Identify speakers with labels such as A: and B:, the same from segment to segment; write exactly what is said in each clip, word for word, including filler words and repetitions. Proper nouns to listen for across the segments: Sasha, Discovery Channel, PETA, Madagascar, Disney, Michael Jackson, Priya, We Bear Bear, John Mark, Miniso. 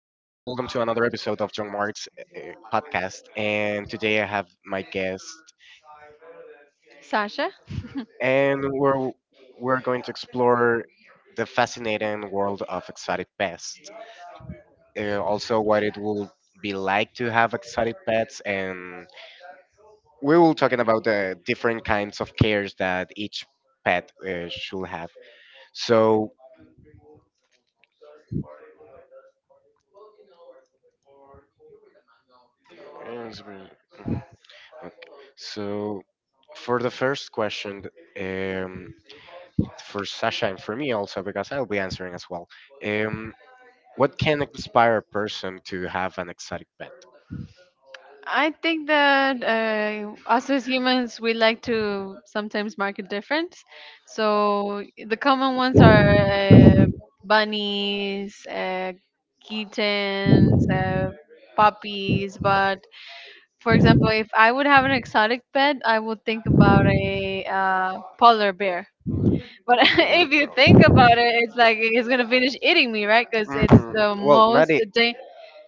A: to another episode of John Mark's uh, podcast. And today I have my guest,
B: Sasha?
A: and we're we're going to explore the fascinating world of exotic pests. Uh, also, what it will be like to have exotic pets, and we will talking about the different kinds of cares that each pet uh, should have. So, eh, so for the first question, um, for Sasha and for me also because I'll be answering as well. Um, what can inspire a person to have an exotic pet?
B: I think that uh, us as humans, we like to sometimes mark a difference. So the common ones are uh, bunnies, uh, kittens, uh, puppies. But for example, if I would have an exotic pet, I would think about a uh, polar bear. But
A: Polar
B: if you think
A: bear.
B: about it, it's like it's gonna finish eating me, right? Because it's
A: Mm,
B: the
A: well, not
B: most.
A: it.
B: Da-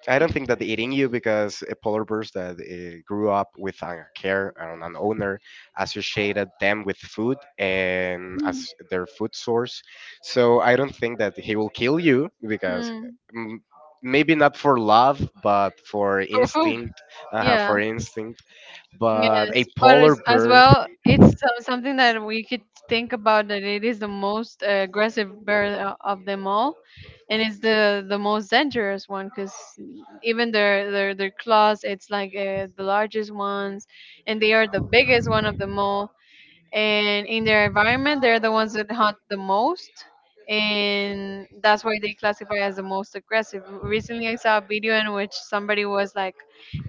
A: I don't think that eating you because a polar bears that uh, grew up with a care and an owner associated them with food and as their food source. So I don't think that he will kill you because
B: Mhm.
A: mm, maybe not for love, but for
B: For food.
A: instinct, uh,
B: Yeah,
A: for instinct. But
B: yes,
A: a
B: but as,
A: polar
B: as
A: bear.
B: well, it's so- something that we could think about that it is the most uh, aggressive bird o- of them all, and it's the the most dangerous one because even their their their claws, it's like uh, the largest ones, and they are the biggest one of them all, and in their environment they're the ones that hunt the most, and that's why they classify as the most aggressive. Recently I saw a video in which somebody was like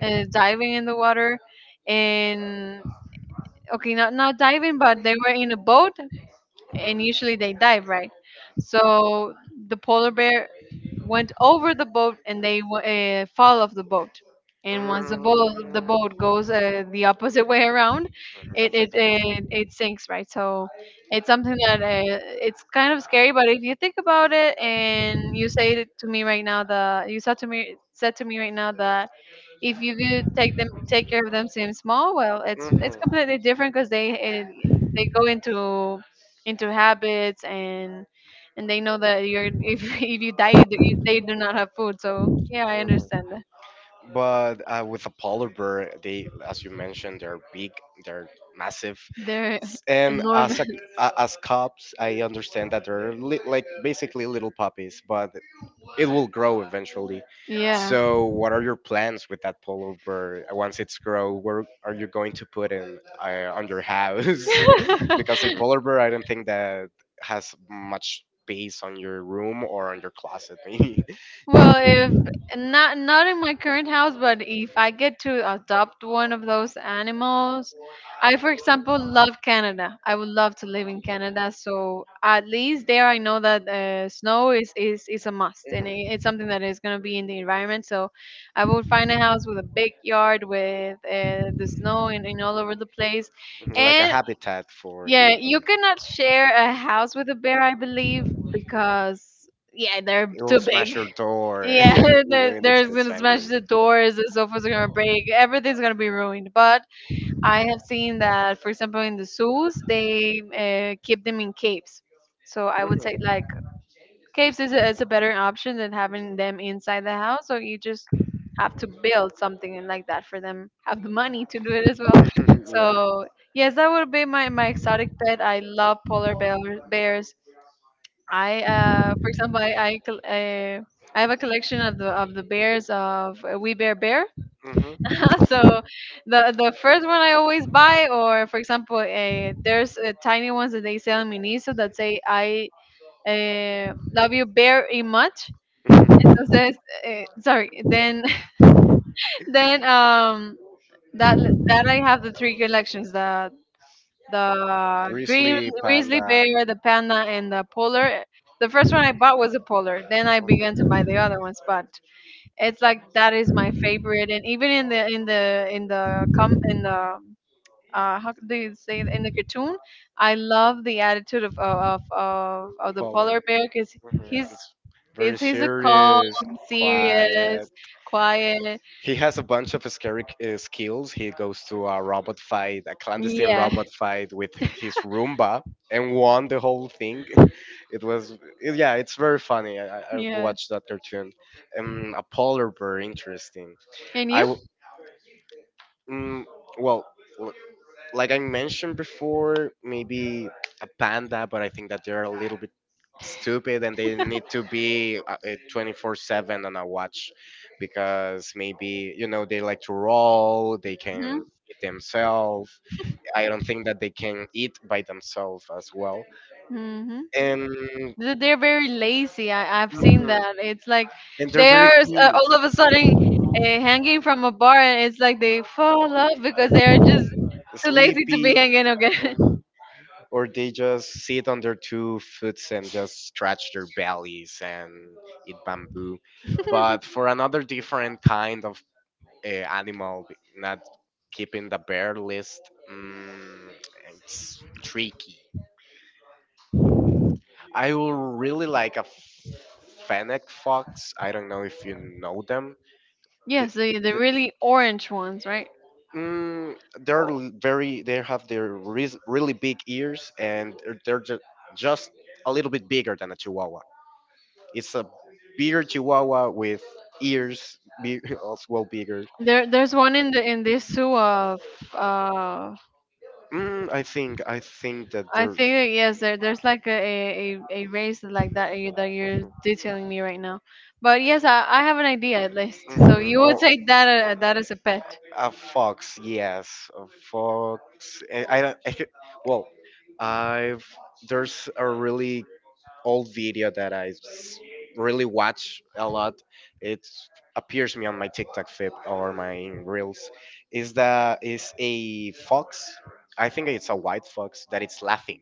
B: uh, diving in the water and okay, not not diving, but they were in a boat, and
A: Mhm.
B: usually they dive, right? So the polar bear went over the boat and they w- uh, fall off the boat, and once the boat the boat
A: Mm,
B: goes uh, the opposite way around,
A: mhm,
B: it it,
A: Upside down.
B: it it sinks, right? So it's something that uh, it's kind of scary. But if you think about it and you say it to me right now, the you said to me said to me right now that if you do take them take care of them since small, well, it's
A: Hmm.
B: it's completely different because they eh, they go into into habits, and and they know that you're if, if you die you do, they do not have food. So yeah, I understand that
A: But uh, with a polar bear, they, as you mentioned, they're big, they're massive,
B: they're
A: and as
B: enormous.
A: a, uh, as cubs, I understand that they're li- like basically little puppies, but it will grow eventually.
B: Yeah.
A: So, what are your plans with that pullover? Uh, once it's grow? Where are you going to put it uh, on your house? Because a pullover, I don't think that has much space on your room or on your closet, maybe.
B: Well, if not not in my current house, but if I get to adopt one of those animals, I, for example, love Canada. I would love to live in Canada, so at least there I know that uh, snow is, is is a must, and
A: Mhm.
B: it, it's something that is going to be in the environment. So I would find a house with a big yard with uh, the snow and, and all over the place,
A: Like a
B: and
A: habitat for
B: yeah,
A: the.
B: you cannot share a house with a bear, I believe, because yeah, they're
A: It will
B: too
A: smash
B: big.
A: your door
B: Yeah,
A: when it
B: they're,
A: gets
B: gonna smash
A: angry.
B: the doors, the sofas are gonna break, everything's gonna be ruined. But I have seen that, for example, in the zoos, they uh, keep them in caves. So I would
A: Mhm.
B: say like caves is a, is a better option than having them inside the house. So you just have to build something and like that for them, have the money to do it as well.
A: Yeah.
B: So yes, that would be my, my exotic pet. I love polar bear, bears. I uh, for example, I I, col- uh, I have a collection of the of the bears of uh, We Bear Bear. So the the first one I always buy, or for example, uh, there's uh, tiny ones that they sell in Miniso that say I uh, love you very much.
A: Hmm.
B: Entonces, uh, sorry. Then then um that l- that I have the three collections, the the green
A: Grizzly
B: grizzly
A: panda
B: bear, the panda, and the polar. The first one I bought was a polar. Then I began to buy the other ones, but it's like that is my favorite. And even in the in the in the com in the uh, how do you say it? In the cartoon, I love the attitude of of of, of the polar
A: polar.
B: bear because
A: Mhm.
B: he's
A: It's
B: is
A: very
B: he's a calm,
A: serious, quiet.
B: serious, quiet.
A: He has a bunch of scary uh, skills. He goes to a robot fight, a clandestine
B: Yeah.
A: robot fight with his Roomba, and won the whole thing. It was, it- yeah, it's very funny. I, I I watched
B: Yes.
A: that cartoon. Um, a polar bear, interesting.
B: And
A: I,
B: you?
A: w- mm, well, like I mentioned before, maybe a panda, but I think that they're a little bit stupid and they need to be uh, uh, twenty-four seven on a watch because maybe you know they like to roll, they can
B: Hmm.
A: eat themselves. I don't think that they can eat by themselves as well.
B: Hmm.
A: And
B: They're very lazy. I, I've seen
A: mhm,
B: that. It's like
A: and they're
B: they
A: very
B: are uh,
A: cute.
B: all of a sudden uh, hanging from a bar, and it's like they fall off because they are just too lazy to be
A: Sleepy.
B: hanging again.
A: Or they just sit on their two foots and just stretch their bellies and eat bamboo. But for another different kind of uh, animal, not keeping the bear list, mm, it's tricky. I will really like a fennec fox. I don't know if you know them.
B: Yes, the the
A: Th-
B: really orange ones, right?
A: Mm, they're
B: Oh,
A: l- Very. They have their re- really big ears, and they're they're ju- just a little bit bigger than a chihuahua. It's a bigger Chihuahua with ears big, as well bigger.
B: there, there's one in the in this zoo of uh,
A: Mm, I think I think that
B: I
A: there's.
B: think that, yes, there, there's like a, a, a a race like that you, that you're detailing me right now. But yes, I, I have an idea at least. So
A: Mhm,
B: you would
A: oh,
B: take that uh, that as a pet.
A: a fox. Yes, a fox. I, I don't. Well, I've there's a really old video that I s- really watch a lot. It appears me on my TikTok feed or my reels. Is that is a fox? I think it's a white fox that it's laughing,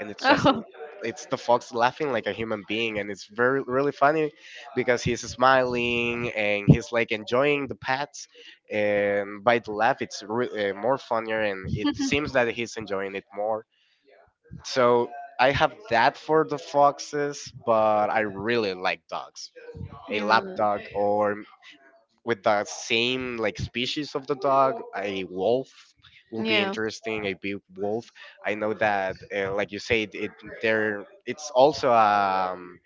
A: and it's just
B: Oh,
A: l- it's the fox laughing like a human being, and it's very really funny because he's smiling and he's like enjoying the pets. And by the laugh, it's re- uh, more funnier, and it seems that he's enjoying it more, so I have that for the foxes, but I really like dogs. A lap dog or with the same like species of the dog, a wolf will be interesting. A big wolf. I know that, uh, like you said, it there it's also um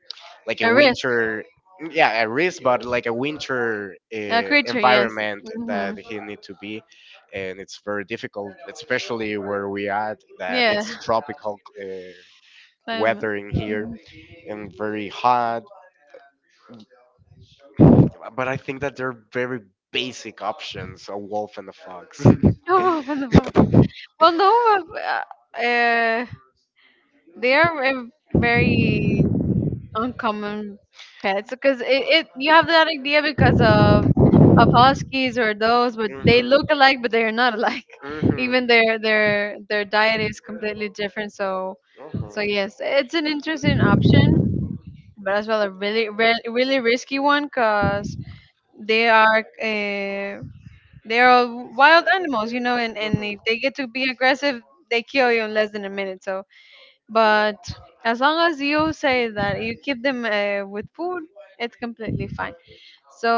A: like a winter. Yeah, a risk, but like a winter uh, environment that he need to be, and it's very difficult, especially where we at that it's tropical uh, weather in here and very hot. But I think that they're very basic options a wolf and a fox. Hmm.
B: oh, Vanova. Well, no, uh, uh, eh, they are a very uncommon pets because it, it you have that idea because of of huskies or those, but they
A: Hmm.
B: look alike, but they are not alike.
A: Hmm.
B: Even their their their diet is completely different. So, so yes, it's an interesting option, but as well a really re- really risky one because they are. uh, They're all wild animals, you know, and, and
A: Mhm.
B: if they get to be aggressive, they kill you in less than a minute. So, but as long as you say that you keep them uh, with food, it's completely fine. So,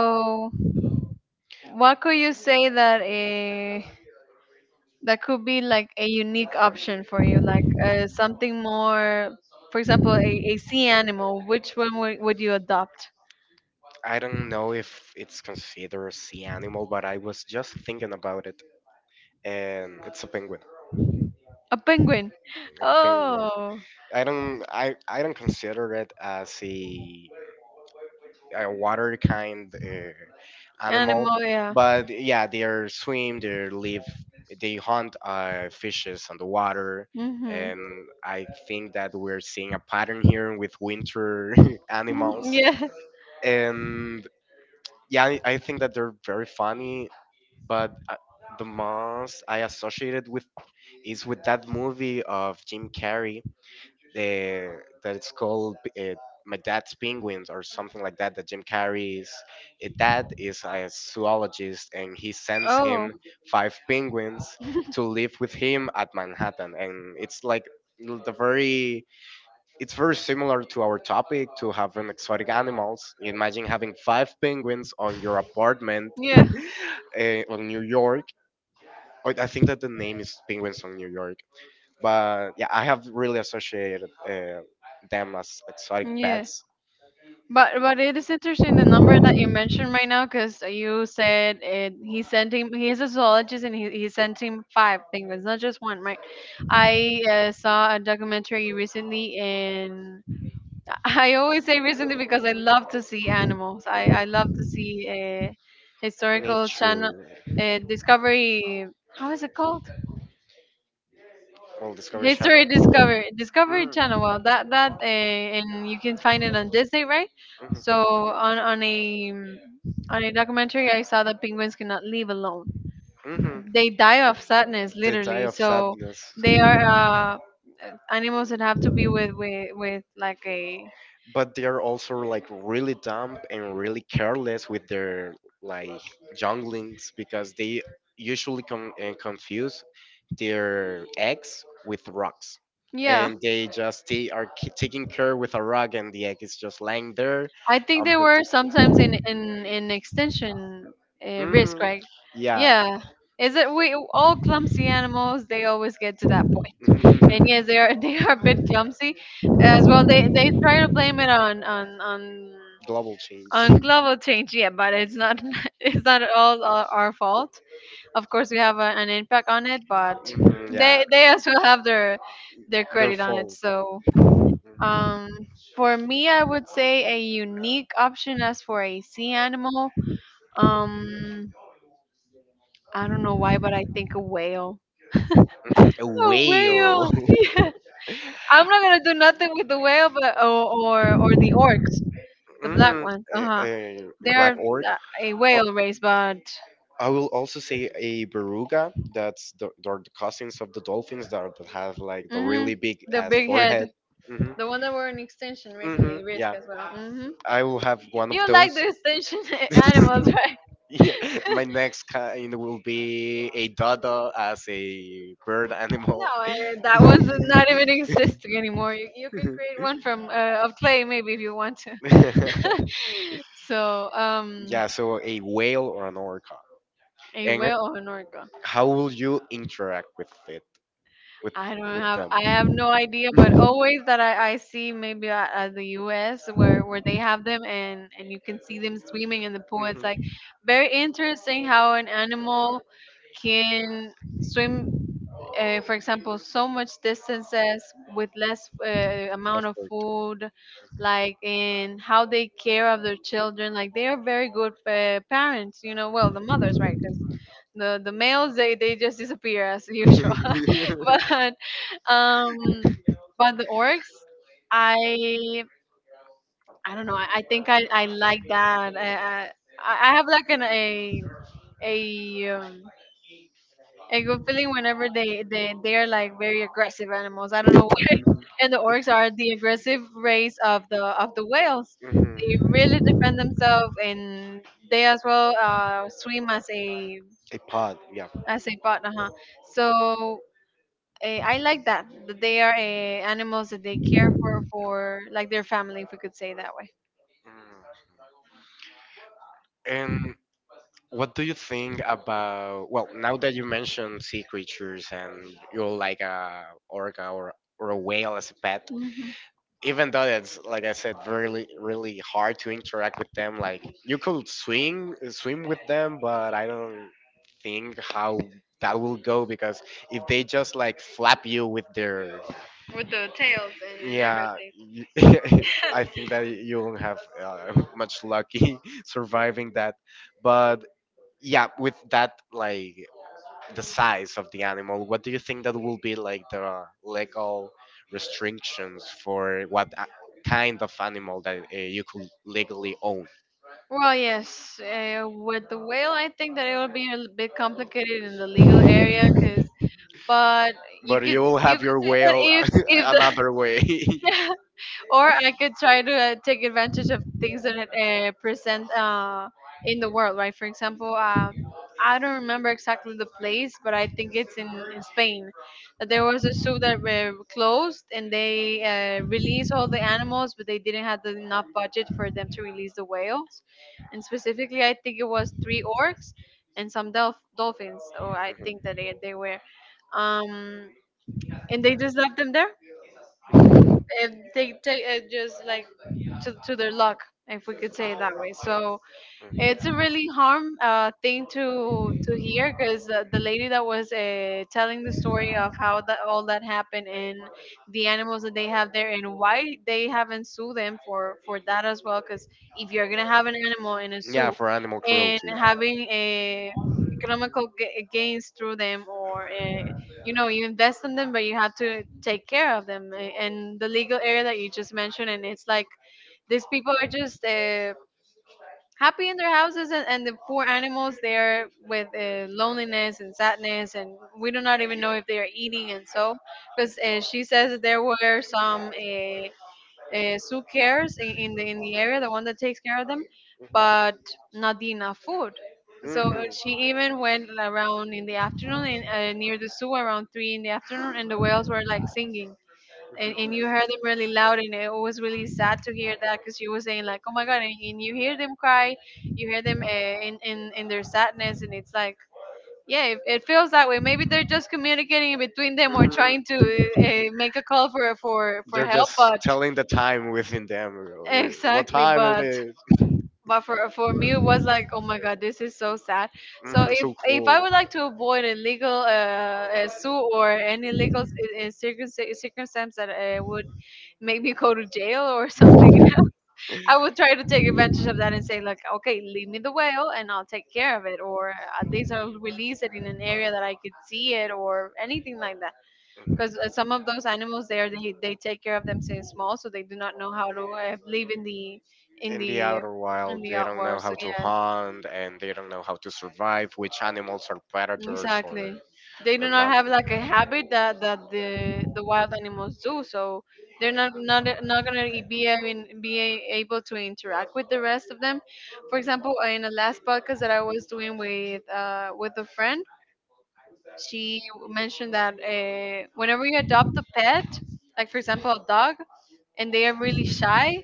B: what could you say that uh, that could be like a unique option for you, like uh, something more, for example, a, a sea animal? Which one would, would you adopt?
A: I don't know if it's considered a sea animal, but I was just thinking about it, and it's a penguin.
B: A penguin.
A: A penguin.
B: Oh.
A: I don't. I, I don't consider it as a a water kind uh, animal.
B: Animal, yeah.
A: But yeah, they are swim, they live, they hunt uh, fishes on the water.
B: Mm-hmm.
A: And I think that we're seeing a pattern here with winter animals.
B: Yeah.
A: And yeah, I I think that they're very funny, but uh, the most I associated with is with that movie of Jim Carrey the that it's called uh, My Dad's Penguins or something like that. That Jim Carrey's uh, dad is a zoologist, and he sends him
B: Oh.
A: five penguins to live with him at Manhattan, and it's like l- the very it's very similar to our topic to having exotic animals. Imagine having five penguins on your apartment
B: Yeah.
A: uh, on New York. Oh, I think that the name is penguins on New York. But yeah, I have really associated uh, them as exotic
B: Yes.
A: pets.
B: But but it is interesting the number that you mentioned right now because you said it, he sent him. He is a zoologist and he, he sent him five things, not just one, right? I uh, saw a documentary recently, and I always say recently because I love to see animals. I, I love to
A: Mhm.
B: see a historical
A: Nature,
B: channel, uh, discovery, how is it called?
A: well, Discovery
B: History
A: Channel.
B: Discovery, Discovery Channel.
A: Mm.
B: Well, that that uh, and you can find it on Disney, right? So on on a mm, on a documentary, I saw that penguins cannot live alone.
A: Hmm.
B: They die of sadness,
A: They die
B: literally.
A: of
B: So
A: sadness,
B: they are uh, animals that have to be with with with like a
A: but they are also like really dumb and really careless with their like junglings because they usually com- uh, confuse their eggs with rocks
B: yeah.
A: and they just they are ki- taking care with a rug and the egg is just lying there
B: I think they were
A: unprotected.
B: sometimes in in in extinction uh, risk,
A: Hmm.
B: right?
A: Yeah.
B: Yeah. Is it we all clumsy animals? They always get to that point. And yes, they
A: Mhm.
B: are they are a bit clumsy as well. They they try to blame it on on on
A: Global change.
B: on global change, yeah, but it's not it's not at all our our fault. Of course, we have a, an impact on it, but
A: Mhm, yeah,
B: they they as well have their their
A: their
B: credit on it.
A: fault.
B: So um, for me, I would say a unique option as for a sea animal. Um, I don't know why, but I think a whale.
A: A
B: A
A: whale.
B: whale, yes. I'm not gonna do nothing with the whale, but or or, or the orcs, the black
A: Hmm.
B: ones. Uh
A: A,
B: huh.
A: a black
B: They're
A: orc.
B: uh, a
A: Oh,
B: whale race, but
A: I will also say a beruga. That's the they're the cousins of the dolphins that, are- that have like the
B: hmm,
A: really big
B: the
A: ass
B: big
A: forehead.
B: head,
A: Hmm.
B: the one that were in extinction
A: Hmm.
B: recently, risk
A: Yeah,
B: as well. Hmm.
A: I will have one of
B: You
A: those.
B: like the extinction animals, right?
A: Yeah, my next kind will be a dada as a bird animal.
B: No, eh, that one's not even existing anymore. You, you can create one from uh, of clay maybe if you want to. So um,
A: Yeah, so a whale or an orca.
B: a
A: And
B: whale or an orca.
A: how will you interact with it, with
B: I don't
A: with
B: have
A: them?
B: I have no idea, but always that I, I see maybe at, at the U S where, where they have them and, and you can see them swimming in the pool. It's
A: Mhm.
B: like very interesting how an animal can swim, uh, for example, so much distances with less uh, amount of food, like and how they care of their children. Like they are very good uh, parents, you know. Well, the mothers, right? Because the the males they they just disappear as usual. But um, but the orcs, I I don't know. I, I think I, I like that. I, I I have like an a a um, a good feeling whenever they they they are like very aggressive animals. I don't know why. And the orcs are the aggressive race of the of the whales. They really
A: Mhm.
B: defend themselves, and they as well uh, swim as a
A: A pod, yeah.
B: as a partner. Huh? So eh, I like that that they are eh, animals that they care for for like their family, if we could say it that way.
A: Mm. And what do you think about, well, now that you mentioned sea creatures and you're like a orca or, or a whale as a pet,
B: Mhm.
A: even though it's like I said, really really hard to interact with them. Like you could swing swim with them, but I don't think how that will go because if they just like flap you with their
B: With the tails and, and
A: yeah,
B: everything.
A: you- I think that you won't have uh, much lucky surviving that. But yeah, with that like the size of the animal, what do you think that will be like the legal restrictions for what a- kind of animal that uh, you could legally own?
B: Well, yes, uh, with the whale, I think that it will be a l- bit complicated in the legal area, cause but you
A: But
B: could
A: you will
B: you
A: have
B: could
A: your
B: say that
A: whale uh,
B: if if the
A: another way.
B: or I could try to uh, take advantage of things that uh, present uh, in the world, right? For example, uh, I don't remember exactly the place, but I think it's in, in Spain. That there was a zoo that were closed and they uh, released all the animals, but they didn't have the, enough budget for them to release the whales. And specifically, I think it was three orcs and some dolph- dolphins. So I think that they, they were. Um, and they just left them there if they take it just like to, to their luck, if we could say it that way. So it's a really harm uh, thing to to hear because the, the lady that was uh, telling the story of how that all that happened, and the animals that they have there, and why they haven't sued them for
A: Mhm,
B: for that
A: mhm.
B: as well. Because if you're gonna have an animal in a
A: Yeah,
B: zoo
A: for animal
B: and
A: cruelty.
B: having a economical g- eh, gains through them, or uh, you know you invest in them but you have to take care of them, uh, and the legal area that you just mentioned, and it's like these people are just uh, happy in their houses, and, and the poor animals there with uh, loneliness and sadness, and we do not even know if they are eating. And so because uh, she says that there were some uh, uh, zoo cares in, in the in the area, the one that takes care of them, but not enough food. So
A: Mhm. Mhm.
B: she even went around in the afternoon in, uh, near the zoo around three in the afternoon, and the whales were like singing, and, and you heard them really loud, and it was really sad to hear that because you were saying like, oh my god, and, and you hear them cry, you hear them uh, in, in in their sadness, and it's like yeah, it, it feels that way. Maybe they're just communicating in between them or trying to uh, uh, make a call for for for
A: They're
B: help.
A: just
B: But
A: telling the time within them. uh, wh- What
B: exactly.
A: time it
B: But
A: is?
B: but for for me it was like, oh my god, this is so sad. So
A: Hmm,
B: if
A: so
B: if
A: cool.
B: I would like to avoid a legal uh, uh suit, or any legal uh, uh, circumstance, circumstance that uh, would make me go to jail or something, I would try to take advantage of that and say like, okay, leave me the whale and I'll take care of it, or at least I'll release it in an area that I could see it or anything like that. Because uh, some of those animals there, they, they take care of them since small, so they do not know how to uh, live in the in
A: In the
B: the
A: outer
B: in
A: wild,
B: the
A: they don't know
B: outdoors.
A: how
B: So
A: to
B: yeah,
A: hunt and they don't know how to survive, which animals are predators or,
B: exactly. They
A: or
B: do not
A: not.
B: have like a habit that that the the wild animals do. So they're not not not gonna e- be having, be a- able to interact with the rest of them. For example, in the last podcast that I was doing with uh with a friend, she mentioned that uh, whenever you adopt a pet, like for example a dog, and they are really shy,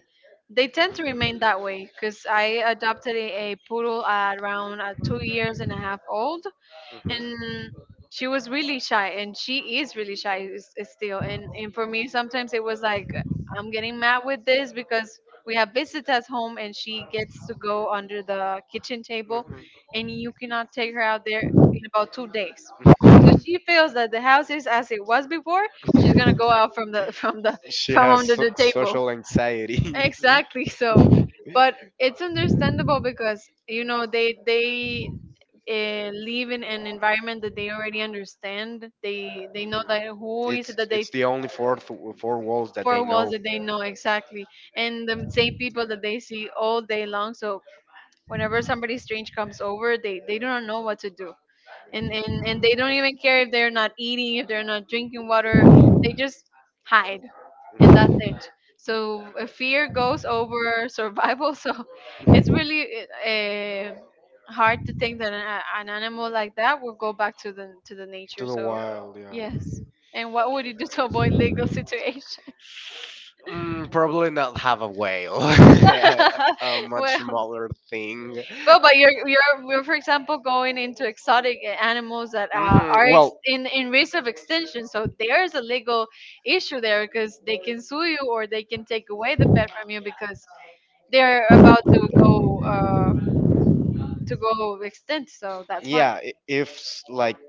B: they tend to remain that way. Because I adopted a, a poodle at around uh, two years and a half old,
A: Mhm.
B: and she was really shy, and she is really shy s- s-
A: Mhm.
B: still. And and for me, sometimes it was like, I'm getting mad with this, because we have visitors home, and she gets to go under the kitchen table,
A: Mhm.
B: and you cannot take her out there. In about two days she feels that the house is as it was before, she's gonna go out from the from the
A: She
B: from
A: has
B: under
A: so-
B: the table.
A: social anxiety.
B: Exactly. So, but it's understandable because you know they they uh, live in an environment that they already understand. They they know that who is it
A: It's
B: that they
A: it's the only four th- four walls that they
B: four walls
A: know.
B: that they know, exactly, and the same people that they see all day long. So whenever somebody strange comes over, they they do not know what to do, and and and they don't even care if they're not eating, if they're not drinking water, they just hide, and that's
A: Mhm.
B: it. So uh, fear goes over survival so it's really uh, hard to think that an, a- an animal like that will go back to the to the nature. So yes, and what would you do to avoid legal situation?
A: Mm, probably not have a whale. A, a much
B: Well.
A: smaller thing.
B: Well, but you're you're we're for example going into exotic animals that uh,
A: Mhm,
B: are ex-
A: well,
B: in in risk of extinction. So there's a legal issue there, because they can sue you or they can take away the pet from you because they're about to go uh, to go extinct. So that's why
A: yeah i- if s- like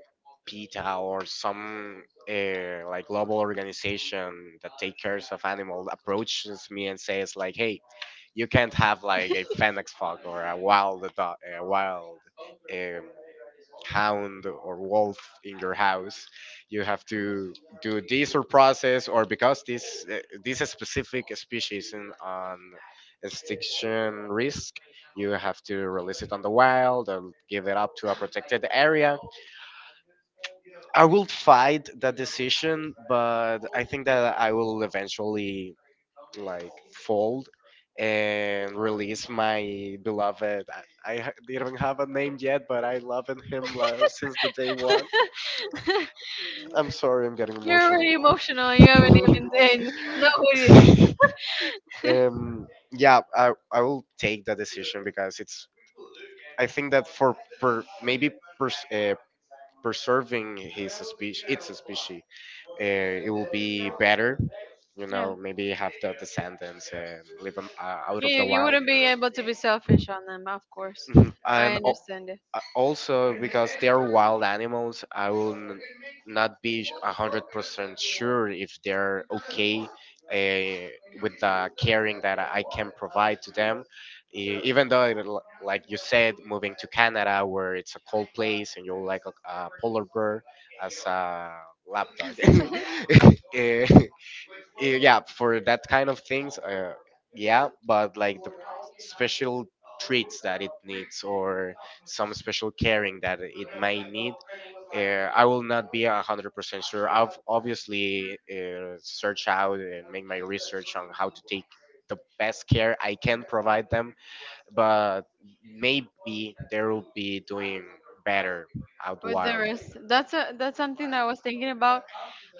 A: PETA or some uh, like global organization that take cares of animals approaches me and says like hey you can't have like a fennec fox or a wild dog, a wild um, hound or wolf in your house, you have to do this or process or because this uh, this specific species in, on extinction risk, you have to release it on the wild or give it up to a protected area. I will fight that decision but I think that I will eventually like fold and release my beloved I, I ha- didn't have a name yet but I loved him lo- since the day one. I'm sorry, I'm getting
B: you're
A: emotional.
B: already emotional. You haven't even then know who it is.
A: Um, yeah, I, I will take that decision because it's. I think that for per, maybe pers- uh, preserving his species, its species, uh, it will be better. You
B: Yeah,
A: know, maybe have the descendants and live 'em, uh, out of
B: you
A: the
B: you
A: wild.
B: wouldn't be able to be selfish on them, of course.
A: Mhm.
B: I
A: And uh,
B: understand
A: also because they are wild animals I will n- not be a 100% sure if they're okay uh, with the caring that I can provide to them. E- even though it l- like you said, moving to Canada where it's a cold place and you'll like a, a polar bear as a lap dog.
B: it.
A: Eh, eh, yeah for that kind of things, uh, yeah but like the special treats that it needs or some special caring that it may need, uh, I will not be a hundred percent sure. I've obviously uh, search out and make my research on how to take the best care I can provide them, but maybe they will be doing better out
B: With the
A: wild.
B: rest, that's a that's something I was thinking about.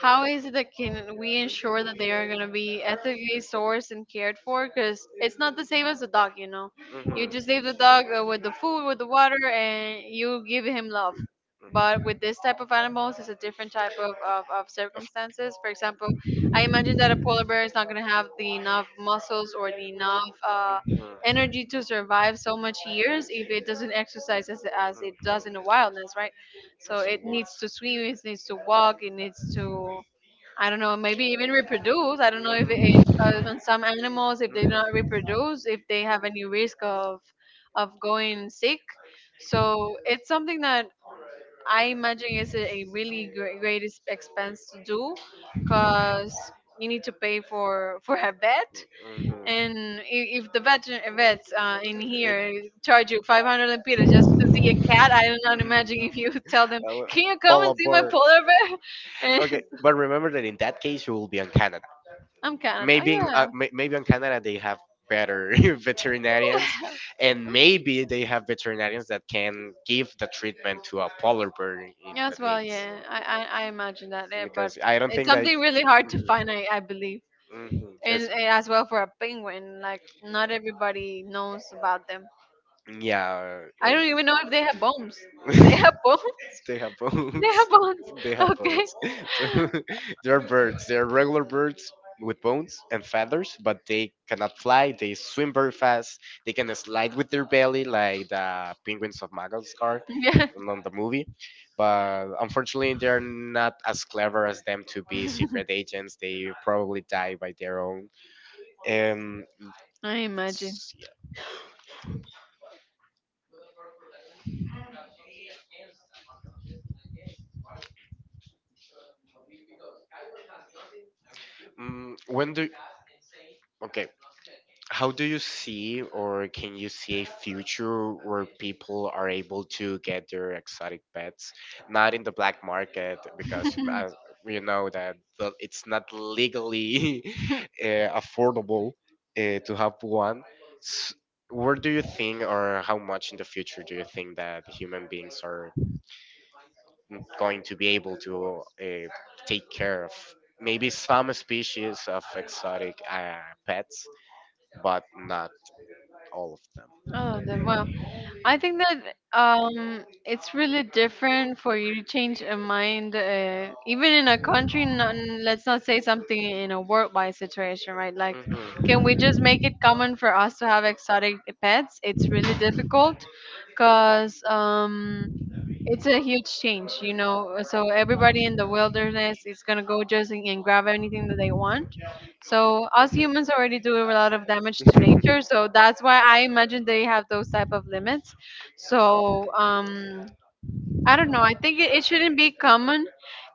B: How is it that can we ensure that they are gonna be ethically sourced and cared for? Because it's not the same as a dog, you know. You
A: Mhm.
B: just leave the dog uh, with the food, with the water, and you give him love. But with this type of animals, it's a different type of, of, of circumstances. For example, I imagine
A: Mhm.
B: that a polar bear is not gonna have the enough muscles or the enough uh, energy to survive so much years if it doesn't exercise as, as it does in the wildness, right? So it needs to swim, it needs to walk, it needs to, I don't know, maybe even reproduce. I don't know if if uh, on some animals if they do not reproduce, if they have any risk of of going sick. So it's something that I imagine is a, a really great, great ex- expense to do, because you need to pay for for a vet,
A: Mhm.
B: and i- if the vet vets uh, in here charge you five hundred lempiras just to see a
A: That
B: cat, I do not imagine if you tell them,
A: would
B: "Can you come
A: fall
B: and see my
A: apart.
B: polar bear?"
A: Okay,
B: And
A: but remember that in that case you will be on Canada.
B: I'm kind of,
A: Maybe in, uh,
B: oh
A: may- maybe on Canada they have better veterinarians,
B: yeah,
A: and maybe they have veterinarians that can give the treatment to a polar bear in the
B: yes,
A: need.
B: well, yeah, I I, I imagine that, eh, but
A: Because I don't
B: it's
A: think that.
B: something really hard to
A: Mhm.
B: find, I I believe,
A: Mhm.
B: and,
A: It's-
B: and as well for a penguin, like not everybody knows about them.
A: yeah.
B: I
A: um,
B: don't even know if they have bones. Do they have bones?
A: they have
B: They
A: bones.
B: have bones.
A: They have
B: Okay.
A: bones. They're birds. They're regular birds with bones and feathers, but they cannot fly. They swim very fast. They can slide with their belly like the penguins of Madagascar
B: Yeah,
A: on the movie. But unfortunately, they're not as clever as them to be secret agents. They probably die by their own. Um,
B: I imagine.
A: Mm, when do okay, how do you see, or can you see a future where people are able to get their exotic pets, not in the black market? Because uh, we know that the, it's not legally uh, affordable uh, to have one. S Where do you think, or how much in the future do you think that human beings are n- going to be able to uh, take care of maybe some species of exotic uh, pets, but not all of them.
B: Oh, then, wow. I think that um, it's really different for you to change a mind, uh, even in a country. Not, let's not say something in a worldwide situation, right? Like,
A: Mhm.
B: can we just make it common for us to have exotic pets? It's really difficult, cause um, it's a huge change, you know. So everybody in the wilderness is gonna go just and and grab anything that they want. So us humans already do a lot of damage to nature. So that's why I imagine they have those type of limits. So um, I don't know. I think it, it shouldn't be common.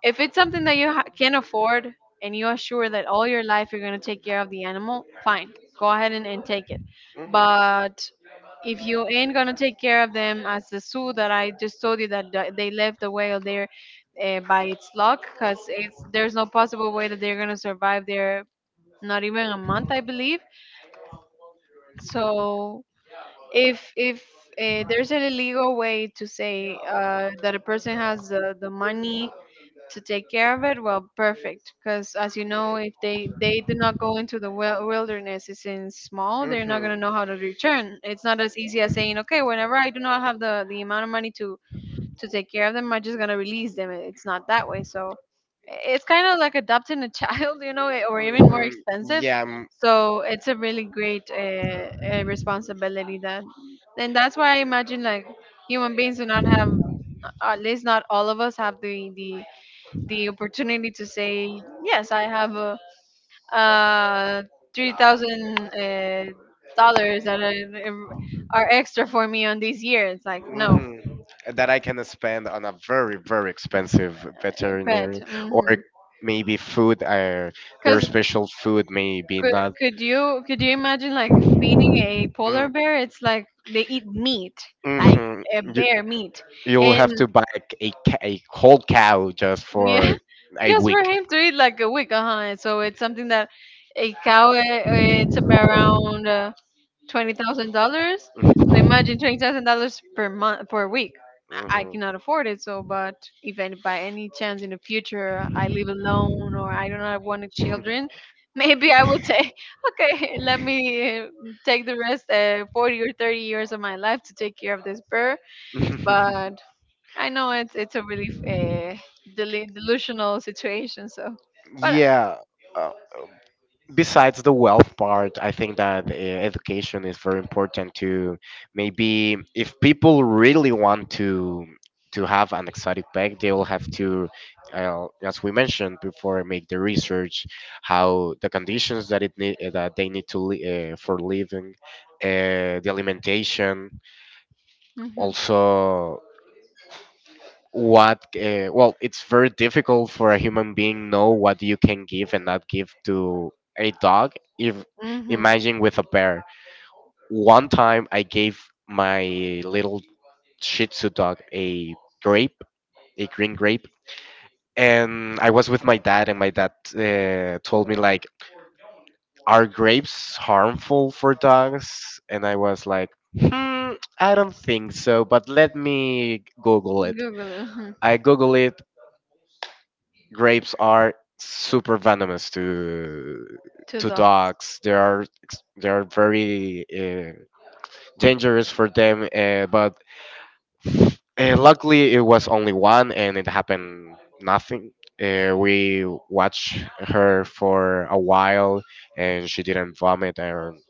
B: If it's something that you ha- can afford, and you are sure that all your life you're going to take care of the animal, fine. Go ahead and, and take it.
A: Mhm.
B: But if you ain't going to take care of them, as the zoo that I just told you that th- they left the whale there uh, by its luck, because it's, there's no possible way that they're going to survive there, not even a month, I believe. So if if uh, there's a legal way to say uh, that a person has the, the money to take care of it, well perfect. Because as you know, if they they do not go into the wil- wilderness, it's in small, they're not going
A: Mhm.
B: to know how to return. It's not as easy as saying, okay, whenever I do not have the the amount of money to to take care of them, I'm just gonna release them. It's not that way. So it's kind of like adopting a child, you know, or
A: Mhm.
B: even more
A: Mhm. Mhm.
B: expensive.
A: Yeah. m-
B: So it's a really great uh, uh, responsibility that, and that's why I imagine like human beings do not have, at least not all of us have the the the opportunity to say, yes I have a uh three thousand uh dollars that are, are extra for me on this year. It's like no,
A: hmm that I can spend on a very, very expensive
B: uh, pet.
A: veterinary or maybe food. Uh, their
B: Because
A: special food, may be
B: could
A: not.
B: could you could you imagine like feeding a polar bear? It's like they eat meat, like a
A: Mm-hmm. You,
B: bear meat,
A: you'll
B: and
A: have to buy like a, ca- a whole cow just
B: yeah,
A: for a
B: just
A: week.
B: for him to eat like a week, uh huh. So it's something that a cow, uh, it's about around twenty thousand dollars. So imagine twenty thousand dollars per month per week. I, I cannot afford it. So, but if any, by any chance in the future I live alone or I do not want children,
A: Hmm.
B: maybe I would say, okay, let me uh, take the rest uh, forty or thirty years of my life to take care of this bird. But I know it's it's a really uh, deli- delusional situation. So, but.
A: Yeah. Uh, Besides the wealth part, I think that uh, education is very important to, maybe if people really want to to have an exotic pet, they will have to, uh, as we mentioned before, make the research how the conditions that it need, that they need to li- uh, for living, uh, the alimentation,
B: Mm-hmm.
A: also what uh, well, it's very difficult for a human being know what you can give and not give to a dog. If
B: Mm-hmm.
A: imagine with a bear, one time I gave my little shih tzu dog a grape, a green grape, and I was with my dad, and my dad uh, told me like, are grapes harmful for dogs? And I was like, hmm, I don't think so, but let me google it.
B: Google it. Hmm.
A: I google it. Grapes are super venomous to
B: To
A: to
B: the.
A: dogs. They are ex- they are very uh, dangerous for them. Uh, but uh, luckily, it was only one, and it happened nothing. Uh, we watched her for a while, and she didn't vomit, and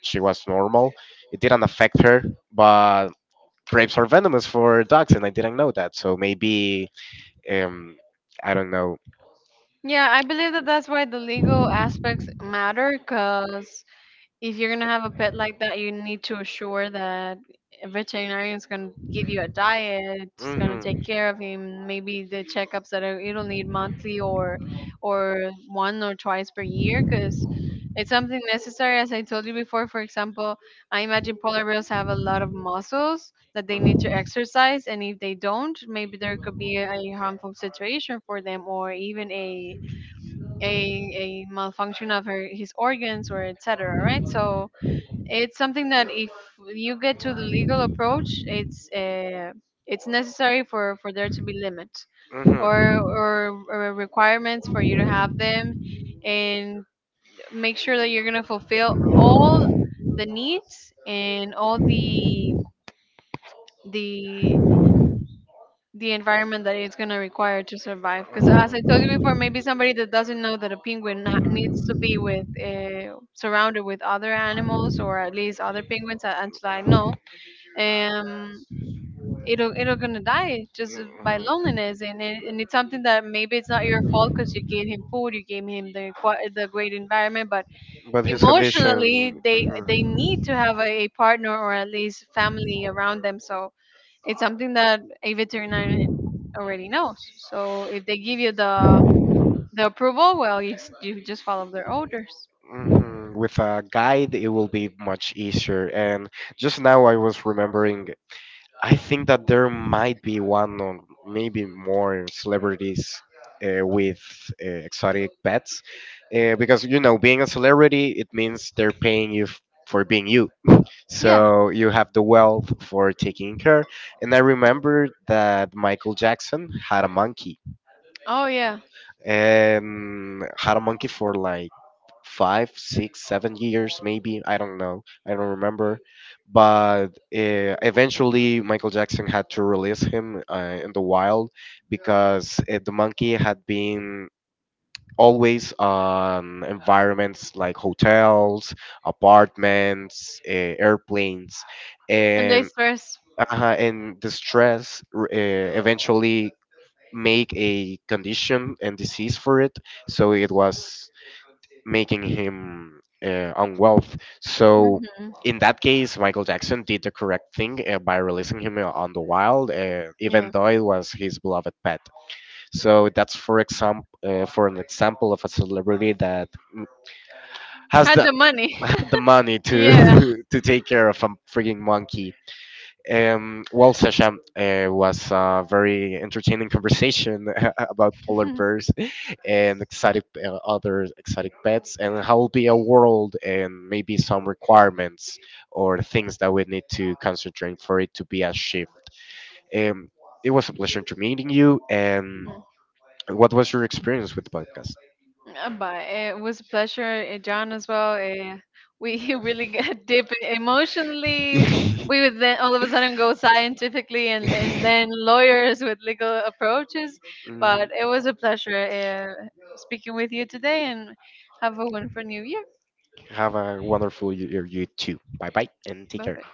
A: she was normal. It didn't affect her, but grapes are venomous for dogs, and I didn't know that. So maybe um, I don't know.
B: Yeah, I believe that that's why the legal aspects matter, because if you're going to have a pet like that, you need to assure that a veterinarian is going to give you a diet, is going to
A: Hmm.
B: take care of him, maybe the checkups that are, it'll need monthly or or one or twice per year, because it's something necessary. As I told you before, for example, I imagine polar bears have a lot of muscles that they need to exercise, and if they don't, maybe there could be a harmful situation for them, or even a a a malfunction of her his organs or et cetera. Right, so it's something that if you get to the legal approach, it's uh, it's necessary for for there to be limits,
A: Mm-hmm.
B: or,
A: Oh.
B: or or requirements for you to have them, and make sure that you're gonna fulfill all the needs and all the the the environment that it's going to require to survive. Because as I told you before, maybe somebody that doesn't know that a penguin na- needs to be with uh, surrounded with other animals, or at least other penguins uh, until I know, um, it'll it'll gonna die just by loneliness, and it, and it's something that maybe it's not your fault because you gave him food, you gave him the qua- the great environment, but
A: But his
B: emotionally
A: condition.
B: they they need
A: Mhm.
B: to have a, a partner or at least family around them. So it's something that a veterinarian already knows. So if they give you the the approval, well, you s- you just follow their orders.
A: Mhm, with a guide, it will be much easier. And just now, I was remembering, I think that there might be one or maybe more celebrities uh, with uh, exotic pets, uh, because you know being a celebrity it means they're paying you f- for being you.
B: Yeah.
A: So you have the wealth for taking care. And I remember that Michael Jackson had a monkey
B: Oh yeah.
A: and had a monkey for like five, six, seven years, maybe. I don't know. I don't remember. But uh, eventually, Michael Jackson had to release him uh, in the wild because uh, the monkey had been always on environments like hotels, apartments, uh, airplanes,
B: And they
A: and
B: stress.
A: uh, and the stress r- uh, eventually make a condition and disease for it, so it was making him uh, unwell. So
B: Hmm.
A: in that case, Michael Jackson did the correct thing uh, by releasing him uh, on the wild, uh, even
B: Yeah.
A: though it was his beloved pet. So that's for example, uh, for an example of a celebrity that mm, has
B: Had
A: the
B: the money.
A: had the money
B: Yeah.
A: to to take care of a freaking monkey. Um, well, Sasha, uh, was a very entertaining conversation about polar bears and exotic uh, other exotic pets, and how will be a world and maybe some requirements or things that we need to concentrate for it to be a shift. Um, it was a pleasure to meeting you. And
B: Mm.
A: what was your experience with the podcast?
B: Uh, but it was a pleasure, uh, John, as well. Uh, we really get deep emotionally. We would then all of a sudden go scientifically, and, and then lawyers with legal approaches.
A: Mm.
B: But it was a pleasure uh, speaking with you today, and have a wonderful new year.
A: Have a wonderful year, you too. Bye bye and take
B: Bye
A: care.
B: bye.